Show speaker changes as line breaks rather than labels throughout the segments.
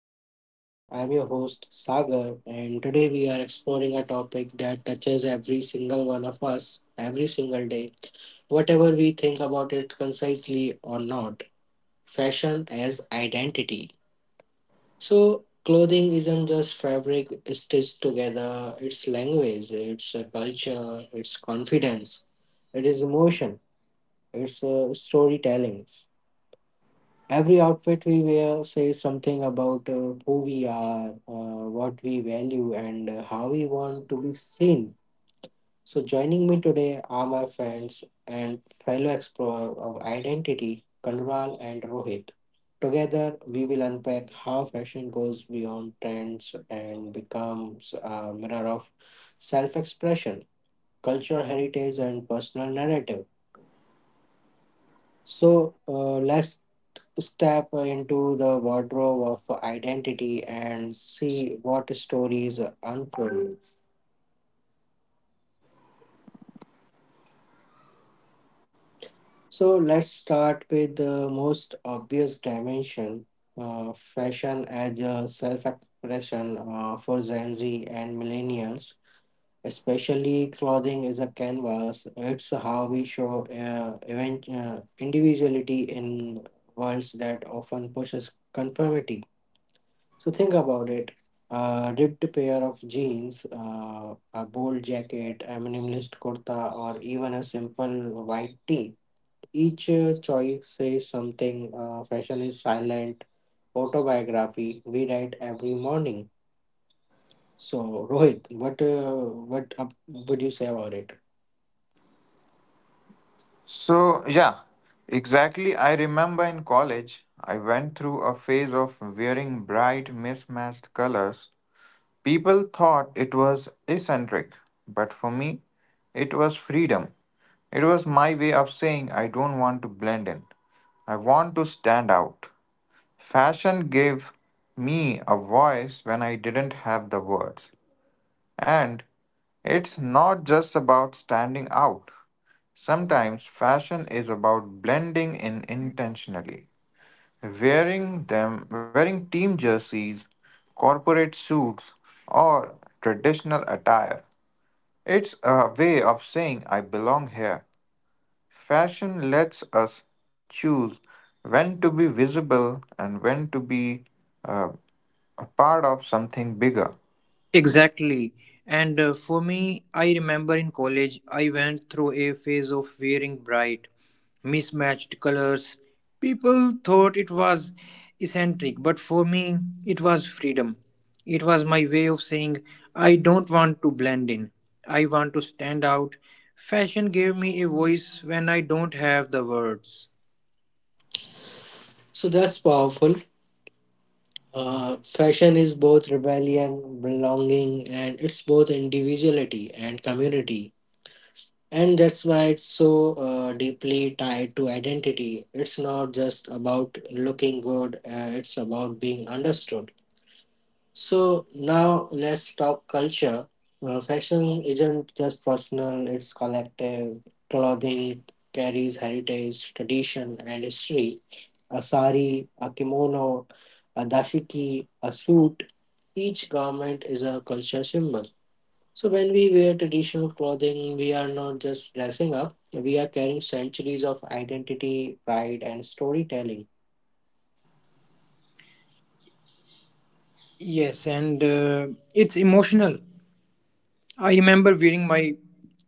Talk with Viz. I'm your host Sagar, and today we are exploring a topic that touches every single one of us every single day, whatever we think about it concisely or not. Fashion as identity. So, clothing isn't just fabric stitched together, it's language, it's a culture, it's confidence, it is emotion, it's storytelling. Every outfit we wear says something about who we are, what we value, and how we want to be seen. So, joining me today are my friends and fellow explorer of identity, Kanral and Rohit. Together, we will unpack how fashion goes beyond trends and becomes a mirror of self expression, cultural heritage, and personal narrative. So let's step into the wardrobe of identity and see what stories unfold. So let's start with the most obvious dimension fashion as a self expression for Gen Z and millennials. Especially clothing is a canvas. It's how we show individuality in worlds that often pushes conformity. So think about it. A ripped pair of jeans, a bold jacket, a minimalist kurta, or even a simple white tee. Each choice says something. Fashion is silent autobiography we write every morning. So Rohit, what up would you say about it?
So, yeah, exactly. I remember in college, I went through a phase of wearing bright, mismatched colors. People thought it was eccentric, but for me, it was freedom. It was my way of saying I don't want to blend in, I want to stand out. Fashion gave me a voice when I didn't have the words. And it's not just about standing out. Sometimes fashion is about blending in intentionally. Wearing them, wearing team jerseys, corporate suits, or traditional attire. It's a way of saying I belong here. Fashion lets us choose when to be visible and when to be uh, a part of something bigger.
Exactly. And For me, I remember in college, I went through a phase of wearing bright, mismatched colors. People thought it was eccentric, but for me, it was freedom. It was my way of saying, I don't want to blend in, I want to stand out. Fashion gave me a voice when I don't have the words.
So that's powerful. Fashion is both rebellion, belonging, and it's both individuality and community. And that's why it's so deeply tied to identity. It's not just about looking good, it's about being understood. So, now let's talk culture. Fashion isn't just personal, it's collective. Clothing carries heritage, tradition, and history. A sari, a kimono, a dashiki, a suit. Each garment is a culture symbol. So when we wear traditional clothing, we are not just dressing up, we are carrying centuries of identity, pride, and storytelling.
Yes, and It's emotional. I remember wearing my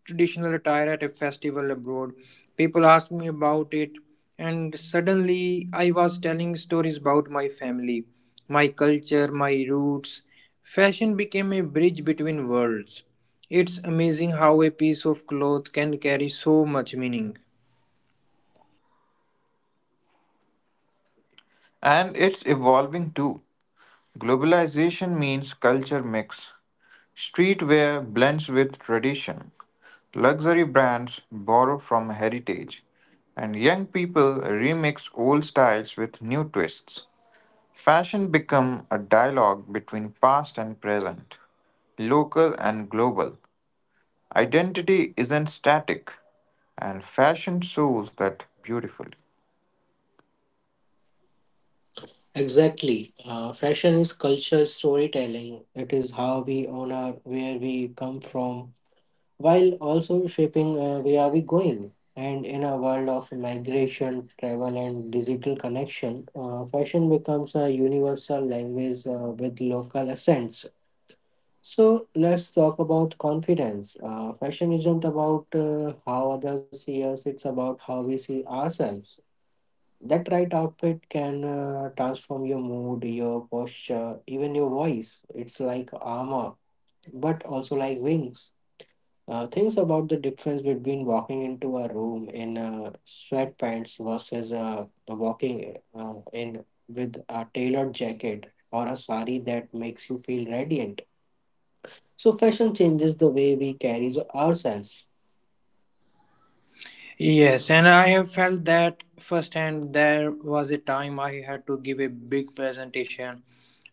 traditional attire at a festival abroad. People asked me about it, and suddenly I was telling stories about my family, my culture, my roots. Fashion became a bridge between worlds. It's amazing how a piece of cloth can carry so much meaning.
And it's evolving too. Globalization means culture mix. Streetwear blends with tradition. Luxury brands borrow from heritage. And young people remix old styles with new twists. Fashion become a dialogue between past and present, local and global. Identity isn't static, and fashion shows that beautifully.
Exactly. Fashion is cultural storytelling. It is how we honor where we come from while also shaping where we going. And in a world of migration, travel, and digital connection, fashion becomes a universal language with local accents. So let's talk about confidence. Fashion isn't about how others see us, it's about how we see ourselves. That right outfit can transform your mood, your posture, even your voice. It's like armor, but also like wings. Things about the difference between walking into a room in sweatpants versus walking in with a tailored jacket or a sari that makes you feel radiant so, fashion changes the way we carry ourselves.
Yes, and I have felt that firsthand. There was a time I had to give a big presentation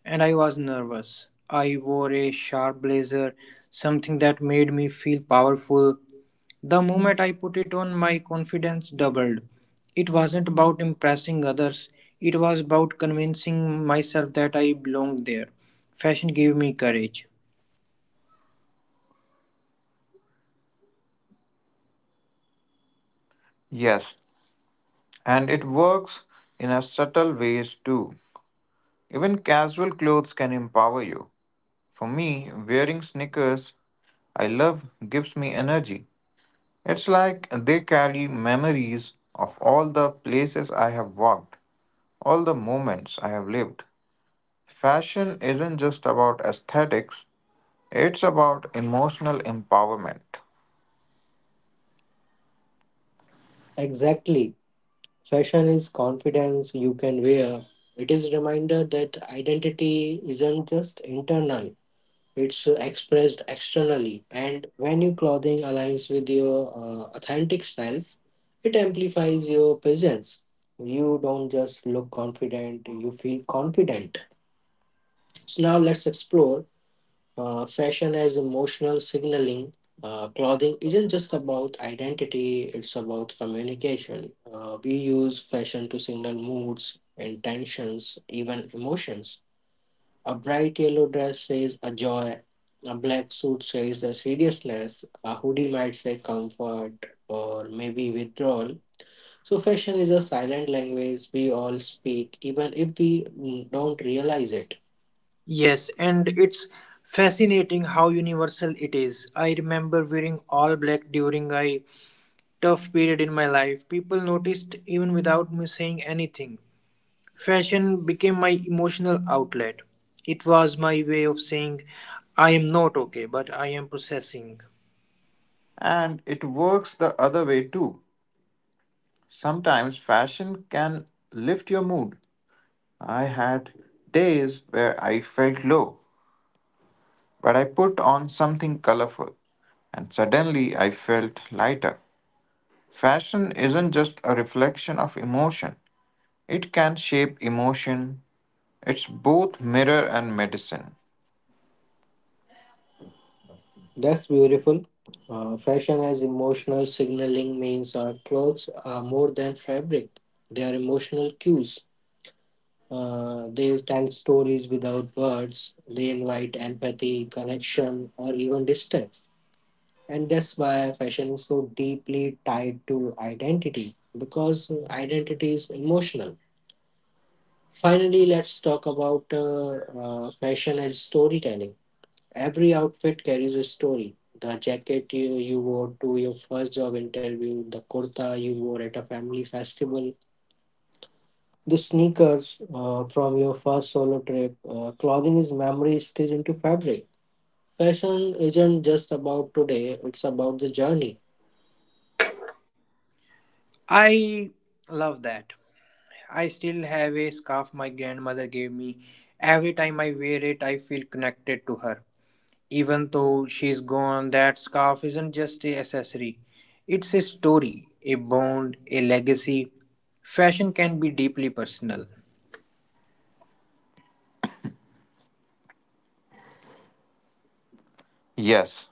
and I was nervous. I wore a sharp blazer, something that made me feel powerful. The moment I put it on, my confidence doubled. It wasn't about impressing others, it was about convincing myself that I belonged there. Fashion gave me courage.
Yes, and it works in a subtle ways too. Even casual clothes can empower you. For me, wearing sneakers I love gives me energy. It's like they carry memories of all the places I have walked, all the moments I have lived. Fashion isn't just about aesthetics, it's about emotional empowerment.
Exactly. Fashion is confidence you can wear. It is a reminder that identity isn't just internal, it's expressed externally. And when your clothing aligns with your authentic self, it amplifies your presence. You don't just look confident, you feel confident. So, now let's explore fashion as emotional signaling. Clothing isn't just about identity, it's about communication. We use fashion to signal moods, intentions, even emotions. A bright yellow dress says a joy, a black suit says the seriousness, a hoodie might say comfort or maybe withdrawal. So, fashion is a silent language we all speak, even if we don't realize it.
Yes, and it's fascinating how universal it is. I remember wearing all black during a tough period in my life. People noticed even without me saying anything. Fashion became my emotional outlet. It was my way of saying, I am not okay, but I am processing.
And it works the other way too. Sometimes fashion can lift your mood. I had days where I felt low, but I put on something colorful, and suddenly I felt lighter. Fashion isn't just a reflection of emotion, it can shape emotion. It's both mirror and medicine.
That's beautiful. Fashion as emotional signaling means our clothes are more than fabric, they are emotional cues. They tell stories without words, they invite empathy, connection, or even distance. And that's why fashion is so deeply tied to identity because identity is emotional. Finally, let's talk about fashion as storytelling. Every outfit carries a story. The jacket you wore to your first job interview, the kurta you wore at a family festival, the sneakers from your first solo trip. Clothing is memory stitched into fabric. Fashion isn't just about today, it's about the journey.
I love that. I still have a scarf my grandmother gave me. Every time I wear it, I feel connected to her. Even though she's gone, that scarf isn't just a accessory. It's a story, a bond, a legacy. Fashion can be deeply personal.
Yes,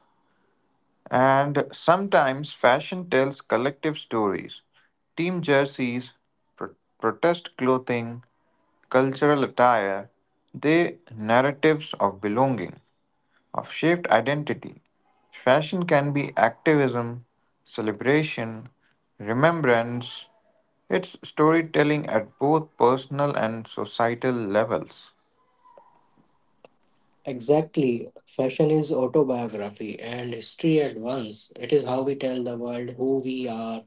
and sometimes fashion tells collective stories. Team jerseys, protest clothing, cultural attire, they narratives of belonging, of shaped identity. Fashion can be activism, celebration, remembrance, it's storytelling at both personal and societal levels.
Exactly. Fashion is autobiography and history at once. It is how we tell the world who we are,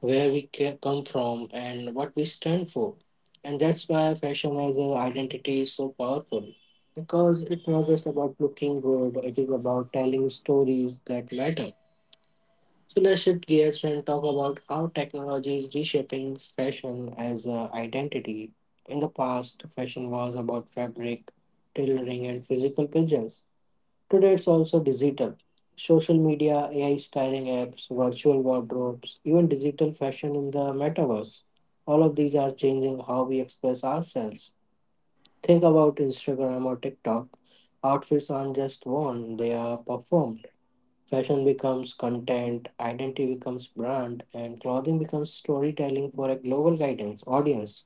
where we come from, and what we stand for. And that's why fashion as an identity is so powerful. Because it's not just about looking good, it is about telling stories that matter. So let's shift gears and talk about how technology is reshaping fashion as an identity. In the past, fashion was about fabric, tailoring, and physical presence. Today it's also digital. Social media, AI styling apps, virtual wardrobes, even digital fashion in the metaverse. All of these are changing how we express ourselves. Think about Instagram or TikTok. Outfits aren't just worn, they are performed. Fashion becomes content, identity becomes brand, and clothing becomes storytelling for a global guidance audience.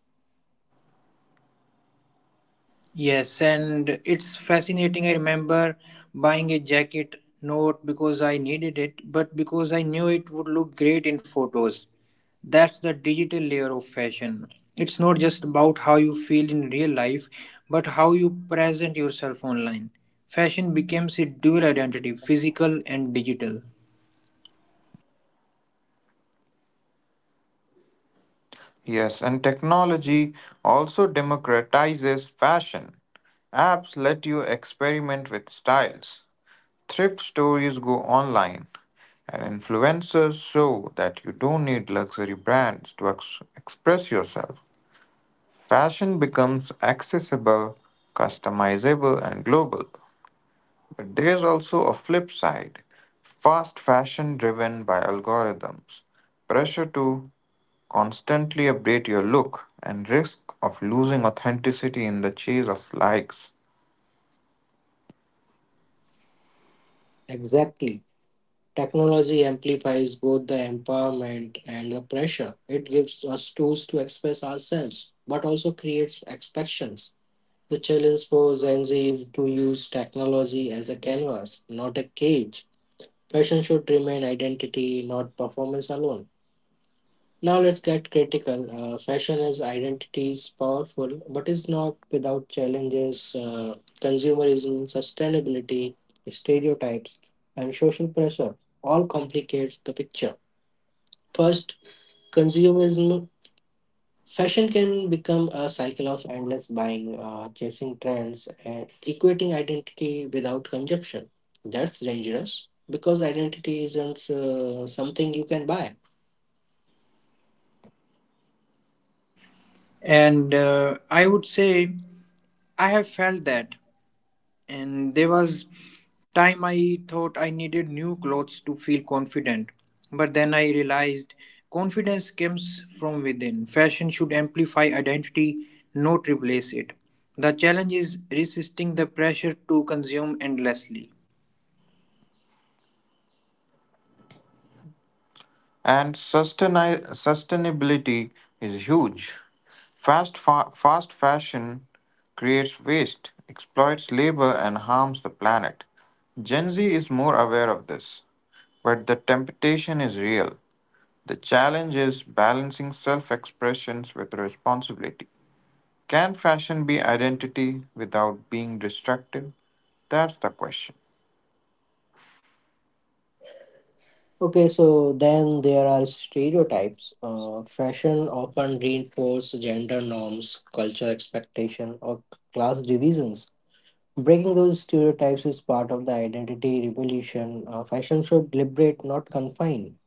Yes, and it's fascinating. I remember buying a jacket not because I needed it, but because I knew it would look great in photos. That's the digital layer of fashion. It's not just about how you feel in real life, but how you present yourself online. Fashion becomes a dual identity, physical and digital.
Yes, and technology also democratizes fashion. Apps let you experiment with styles. Thrift stories go online, and influencers show that you don't need luxury brands to express yourself. Fashion becomes accessible, customizable, and global. But there's also a flip side, fast fashion driven by algorithms, pressure to constantly update your look, and risk of losing authenticity in the chase of likes.
Exactly. Technology amplifies both the empowerment and the pressure. It gives us tools to express ourselves, but also creates expectations. The challenge for Gen Z is to use technology as a canvas, not a cage. Fashion should remain identity, not performance alone. Now let's get critical. Fashion as identity is powerful, but is not without challenges. Consumerism, sustainability, stereotypes, and social pressure all complicate the picture. First, consumerism. Fashion can become a cycle of endless buying, chasing trends, and equating identity without consumption. That's dangerous because identity isn't something you can buy.
And I would say I have felt that, and there was time I thought I needed new clothes to feel confident. But then I realized confidence comes from within. Fashion should amplify identity, not replace it. The challenge is resisting the pressure to consume endlessly.
And sustainability is huge. Fast fashion creates waste, exploits labor, and harms the planet. Gen Z is more aware of this. But the temptation is real. The challenge is balancing self expressions with responsibility. Can fashion be identity without being destructive? That's the question.
Okay, so then there are stereotypes. Fashion often reinforce gender norms, culture expectation, or class divisions. Breaking those stereotypes is part of the identity revolution. Fashion should liberate, not confine.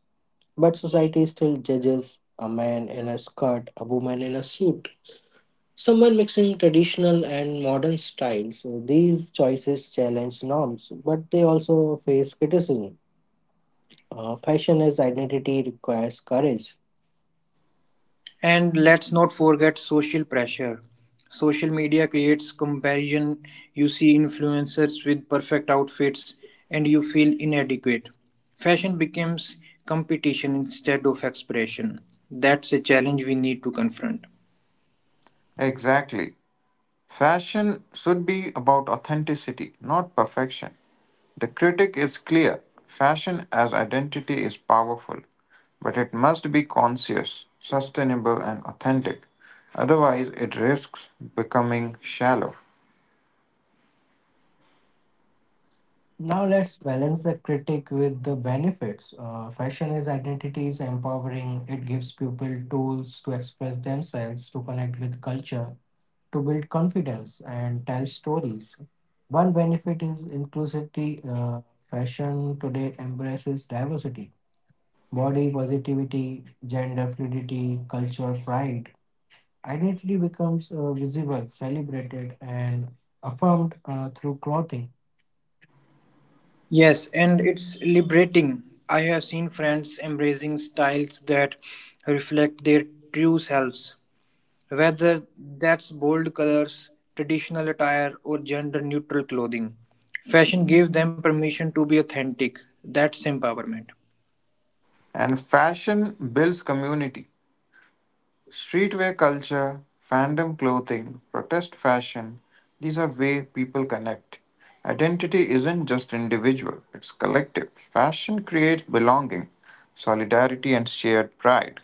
But society still judges a man in a skirt, a woman in a suit, someone mixing traditional and modern styles. So these choices challenge norms, but they also face criticism. Fashion as identity requires courage.
And let's not forget social pressure. Social media creates comparison. You see influencers with perfect outfits and you feel inadequate. Fashion becomes competition instead of expression. That's a challenge we need to confront.
Exactly. Fashion should be about authenticity, not perfection. The critic is clear, fashion as identity is powerful, but it must be conscious, sustainable, and authentic. Otherwise, it risks becoming shallow.
Now let's balance the critique with the benefits. Fashion as identity is empowering. It gives people tools to express themselves, to connect with culture, to build confidence, and tell stories. One benefit is inclusivity. Fashion today embraces diversity, body positivity, gender fluidity, cultural pride. Identity becomes visible, celebrated, and affirmed through clothing.
Yes, and it's liberating. I have seen friends embracing styles that reflect their true selves. Whether that's bold colors, traditional attire, or gender neutral clothing, fashion gave them permission to be authentic. That's empowerment.
And fashion builds community. Streetwear culture, fandom clothing, protest fashion, these are way people connect. Identity isn't just individual, it's collective. Fashion creates belonging, solidarity, and shared pride.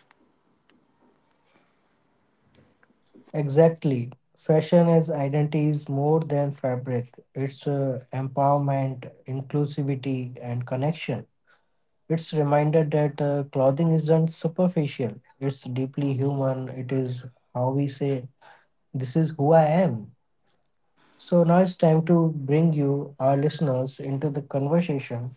Exactly. Fashion as identity is more than fabric. It's empowerment, inclusivity, and connection. It's reminder that clothing isn't superficial. It's deeply human. It is how we say, "This is who I am." So now it's time to bring you, our listeners, into the conversation.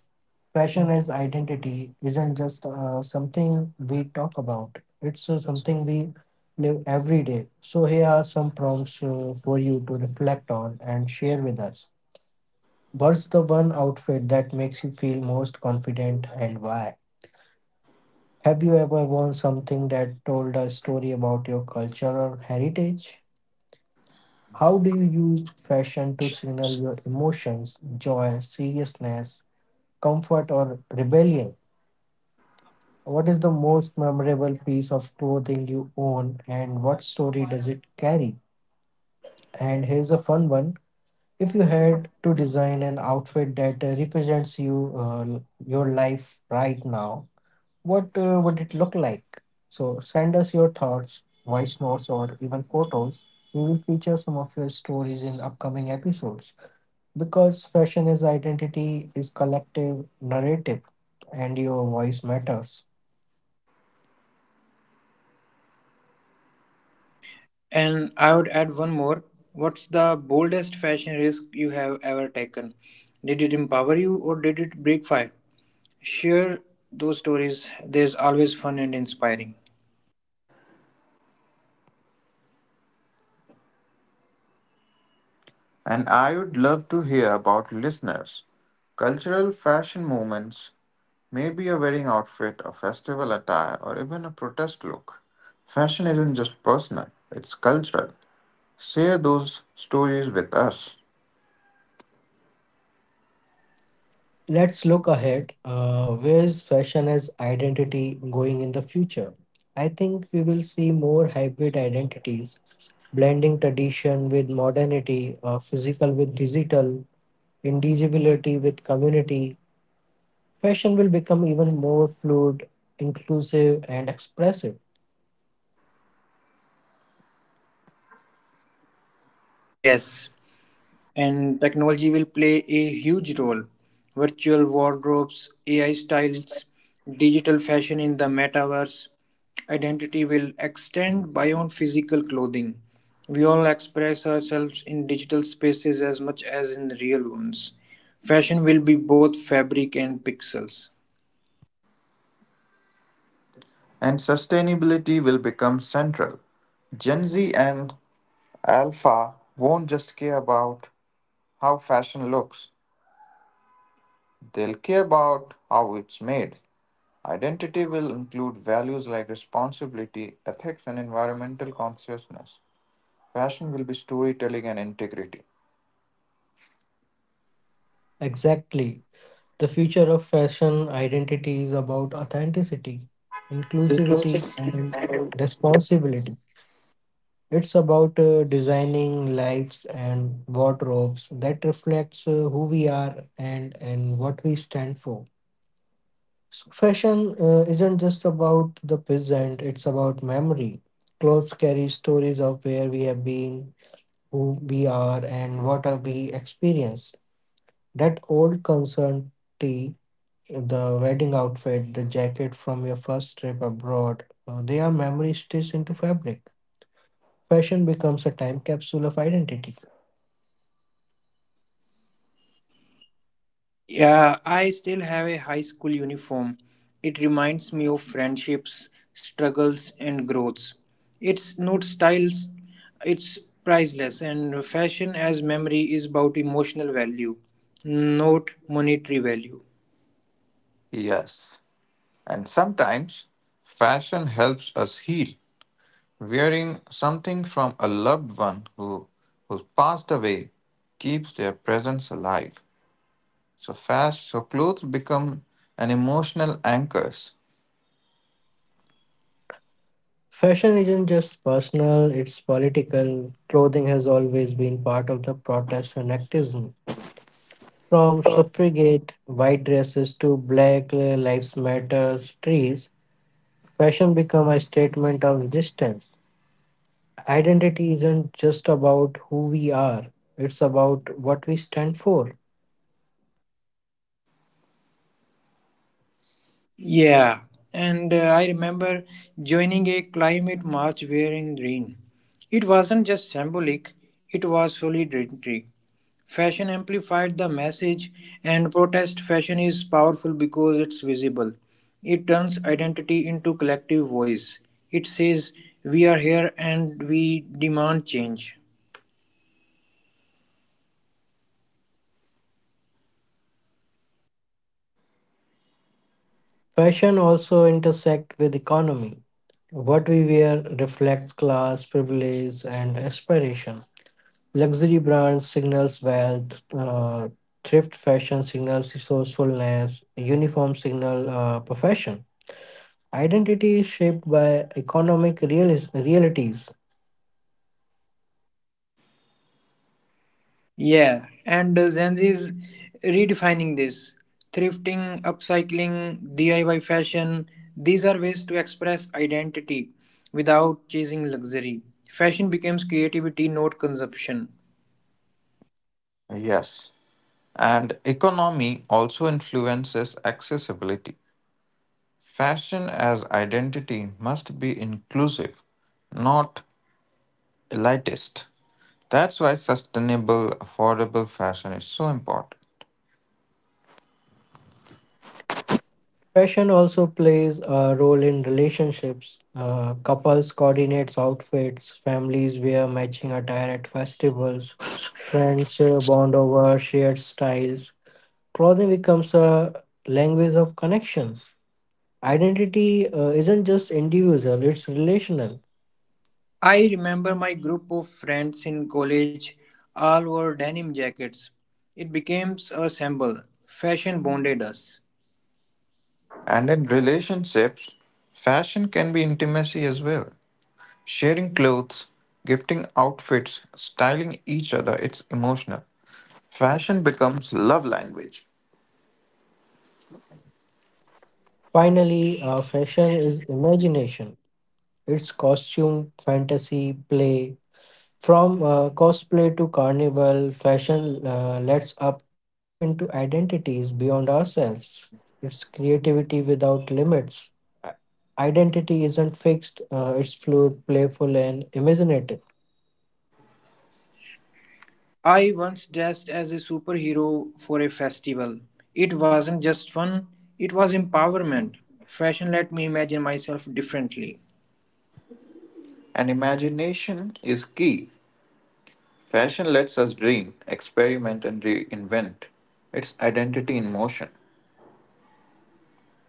Fashion as identity isn't just something we talk about, it's something we live every day. So, here are some prompts for you to reflect on and share with us. What's the one outfit that makes you feel most confident and why? Have you ever worn something that told a story about your culture or heritage? How do you use fashion to signal your emotions, joy, seriousness, comfort, or rebellion? What is the most memorable piece of clothing you own and what story does it carry? And here's a fun one. If you had to design an outfit that represents you, your life right now, what would it look like? So send us your thoughts, voice notes, or even photos. We will feature some of your stories in upcoming episodes because fashion is identity, is collective narrative, and your voice matters.
And I would add one more. What's the boldest fashion risk you have ever taken? Did it empower you or did it break fire? Share those stories. There's always fun and inspiring.
And I would love to hear about listeners. Cultural fashion movements, may be a wedding outfit, a festival attire, or even a protest look. Fashion isn't just personal, it's cultural. Share those stories with us.
Let's look ahead. Where is fashion as identity going in the future? I think we will see more hybrid identities, blending tradition with modernity, physical with digital, individuality with community. Fashion will become even more fluid, inclusive, and expressive.
Yes, and technology will play a huge role. Virtual wardrobes, AI styles, digital fashion in the metaverse, identity will extend beyond physical clothing. We all express ourselves in digital spaces as much as in real ones. Fashion will be both fabric and pixels.
And sustainability will become central. Gen Z and Alpha won't just care about how fashion looks, they'll care about how it's made. Identity will include values like responsibility, ethics, and environmental consciousness. Fashion will be storytelling and integrity.
Exactly. The future of fashion identity is about authenticity, inclusivity, and responsibility. It's about designing lives and wardrobes that reflects who we are and what we stand for. So fashion isn't just about the present, it's about memory. Clothes carry stories of where we have been, who we are, and what are we experienced. That old concern tee, the wedding outfit, the jacket from your first trip abroad, they are memory stitched into fabric. Fashion becomes a time capsule of identity.
Yeah, I still have a high school uniform. It reminds me of friendships, struggles, and growths. It's not styles, it's priceless, and fashion as memory is about emotional value, not monetary value.
Yes. And sometimes fashion helps us heal. Wearing something from a loved one who passed away keeps their presence alive. So fast, so clothes become an emotional anchors.
Fashion isn't just personal, it's political. Clothing has always been part of the protest and activism. From suffragette white dresses to Black Lives Matter trees, fashion become a statement of resistance. Identity isn't just about who we are, it's about what we stand for.
Yeah, and I remember joining a climate march wearing green. It wasn't just symbolic, it was solidarity. Fashion amplified the message, and protest fashion is powerful because it's visible. It turns identity into collective voice. It says, we are here and we demand change.
Fashion also intersects with economy. What we wear reflects class, privilege, and aspiration. Luxury brands signals wealth, thrift fashion signals resourcefulness, uniform signal profession. Identity is shaped by economic realities.
Yeah, and Gen Z is redefining this. Thrifting, upcycling, DIY fashion, these are ways to express identity without chasing luxury. Fashion becomes creativity, not consumption.
Yes. And economy also influences accessibility. Fashion as identity must be inclusive, not elitist. That's why sustainable, affordable fashion is so important.
Fashion also plays a role in relationships. Couples coordinate outfits, families wear matching attire at festivals, friends bond over shared styles. Clothing becomes a language of connections. Identity isn't just individual, it's relational.
I remember my group of friends in college all wore denim jackets. It became a symbol. Fashion bonded us.
And in relationships, fashion can be intimacy as well. Sharing clothes, gifting outfits, styling each other, it's emotional. Fashion becomes love language.
Finally, fashion is imagination. It's costume, fantasy, play. From cosplay to carnival, fashion lets up step into identities beyond ourselves. It's creativity without limits. I- Identity isn't fixed, it's fluid, playful, and imaginative.
I once dressed as a superhero for a festival. It wasn't just fun, it was empowerment. Fashion let me imagine myself differently.
And imagination is key. Fashion lets us dream, experiment, and reinvent. It's identity in motion.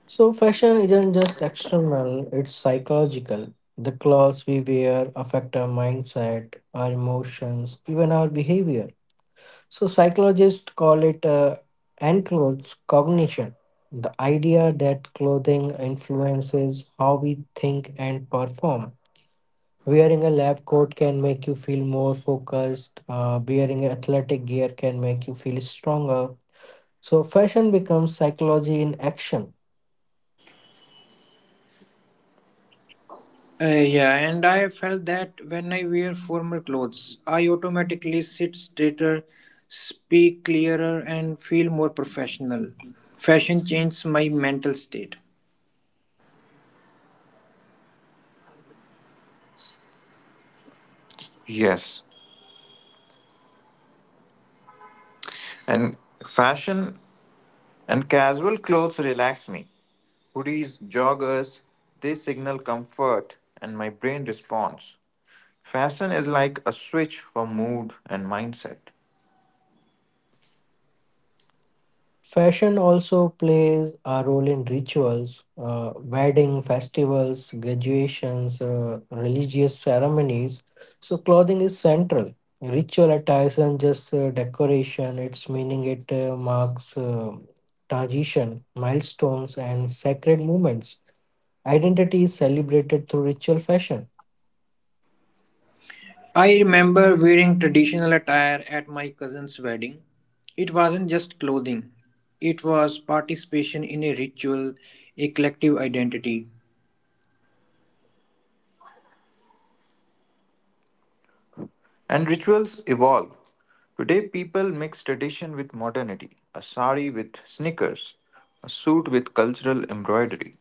So, fashion isn't just external, it's psychological. The clothes we wear affect our mindset, our emotions, even our behavior. So, psychologists call it enclothes cognition. The idea that clothing influences how we think and perform. Wearing a lab coat can make you feel more focused, wearing athletic gear can make you feel stronger. So, fashion becomes psychology in action.
Yeah, and I felt that when I wear formal clothes, I automatically sit straighter, speak clearer, and feel more professional. Fashion changed my mental state.
Yes, and fashion and casual clothes relax me. Hoodies, joggers, they signal comfort, and my brain responds. Fashion is like a switch for mood and mindset.
Fashion also plays a role in rituals, wedding, festivals, graduations, religious ceremonies. So clothing is central. Ritual attire isn't just decoration; its meaning it marks transition, milestones, and sacred moments. Identity is celebrated through ritual fashion.
I remember wearing traditional attire at my cousin's wedding. It wasn't just clothing, it was participation in a ritual, a collective identity.
And rituals evolve. Today, people mix tradition with modernity, a sari with sneakers, a suit with cultural embroidery.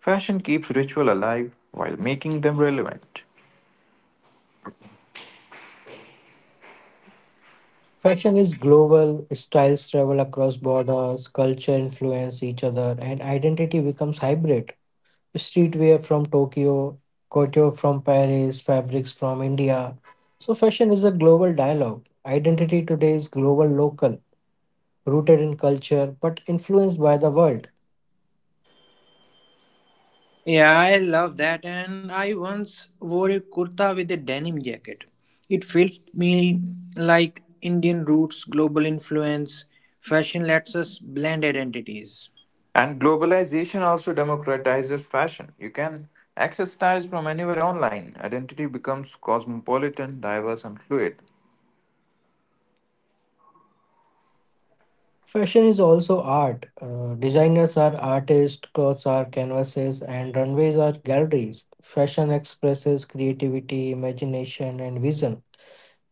Fashion keeps ritual alive while making them relevant.
Fashion is global. Styles travel across borders. Culture influence each other, and identity becomes hybrid streetwear from Tokyo, couture from Paris, fabrics from India. So, fashion is a global dialogue. Identity today is global local, rooted in culture but influenced by the world.
Yeah, I love that. And I once wore a kurta with a denim jacket. It felt me like Indian roots, global influence. Fashion lets us blend identities.
And globalization also democratizes fashion. You can access styles from anywhere online. Identity becomes cosmopolitan, diverse, and fluid.
Fashion is also art. Designers are artists, clothes are canvases, and runways are galleries. Fashion expresses creativity, imagination, and vision.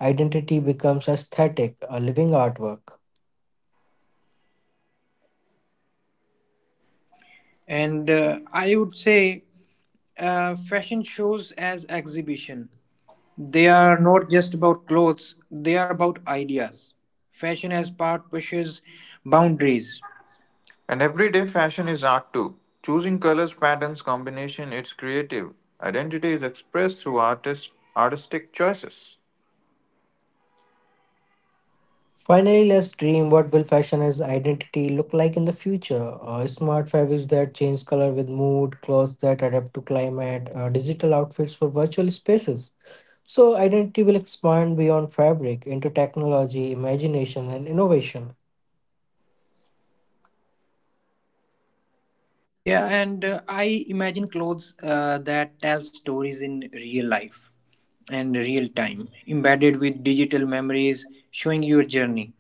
Identity becomes aesthetic, a living artwork.
And I would say fashion shows as exhibition. They are not just about clothes, they are about ideas. Fashion as part pushes boundaries.
And everyday fashion is art too. Choosing colors, patterns, combination, it's creative. Identity is expressed through artistic choices.
Finally, let's dream what will fashion as identity look like in the future. Smart fabrics that change color with mood, clothes that adapt to climate, digital outfits for virtual spaces. So, identity will expand beyond fabric into technology, imagination, and innovation.
Yeah, and I imagine clothes that tell stories in real life and real time, embedded with digital memories, showing your journey.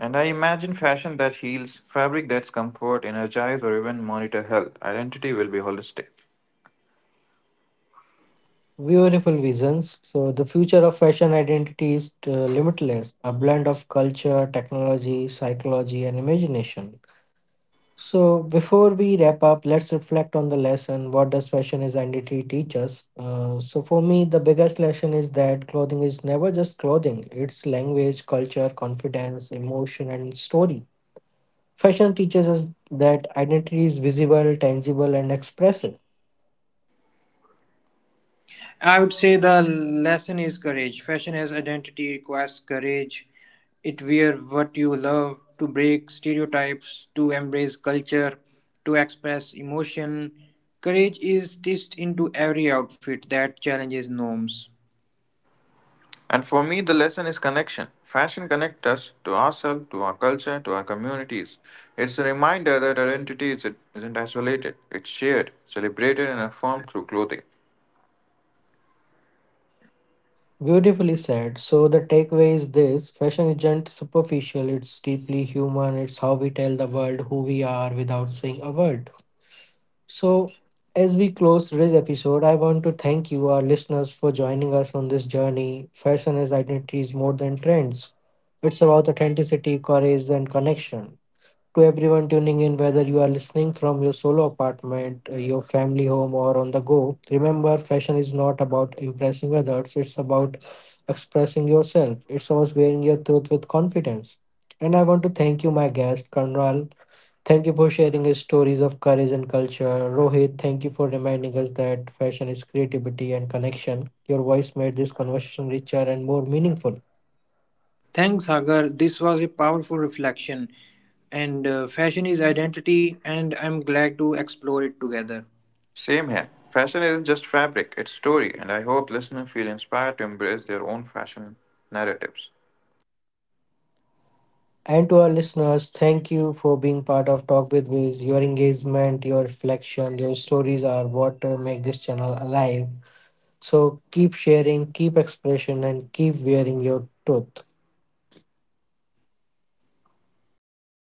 And I imagine fashion that heals, fabric that's comfort, energize, or even monitor health. Identity will be holistic.
Beautiful visions. So, the future of fashion identity is limitless, a blend of culture, technology, psychology, and imagination. So before we wrap up, let's reflect on the lesson. What does fashion is identity teach us? So for me, the biggest lesson is that clothing is never just clothing. It's language, culture, confidence, emotion, and story. Fashion teaches us that identity is visible, tangible, and expressive.
I would say the lesson is courage. Fashion as identity requires courage. It wear what you love to break stereotypes, to embrace culture, to express emotion. Courage is stitched into every outfit that challenges norms.
And for me, the lesson is connection. Fashion connects us to ourselves, to our culture, to our communities. It's a reminder that isn't isolated, it's shared, celebrated, and affirmed through clothing.
Beautifully said. So the takeaway is this: fashion isn't superficial. It's deeply human. It's how we tell the world who we are without saying a word. So, as we close today's episode, I want to thank you, our listeners, for joining us on this journey. Fashion as identity is more than trends, it's about authenticity, courage, and connection. To everyone tuning in, whether you are listening from your solo apartment, your family home, or on the go, remember fashion is not about impressing others, it's about expressing yourself. It's about wearing your truth with confidence. And I want to thank you, my guest, Kanral, thank you for sharing your stories of courage and culture. Rohit, thank you for reminding us that fashion is creativity and connection. Your voice made this conversation richer and more meaningful.
Thanks, Hagar. This was a powerful reflection. And Fashion is identity, and I'm glad to explore it together.
Same here. Fashion isn't just fabric, it's story, and I hope listeners feel inspired to embrace their own fashion narratives.
And to our listeners, thank you for being part of Talk with Wiz. Your engagement, your reflection, your stories are what make this channel alive. So keep sharing, keep expression, and keep wearing your truth.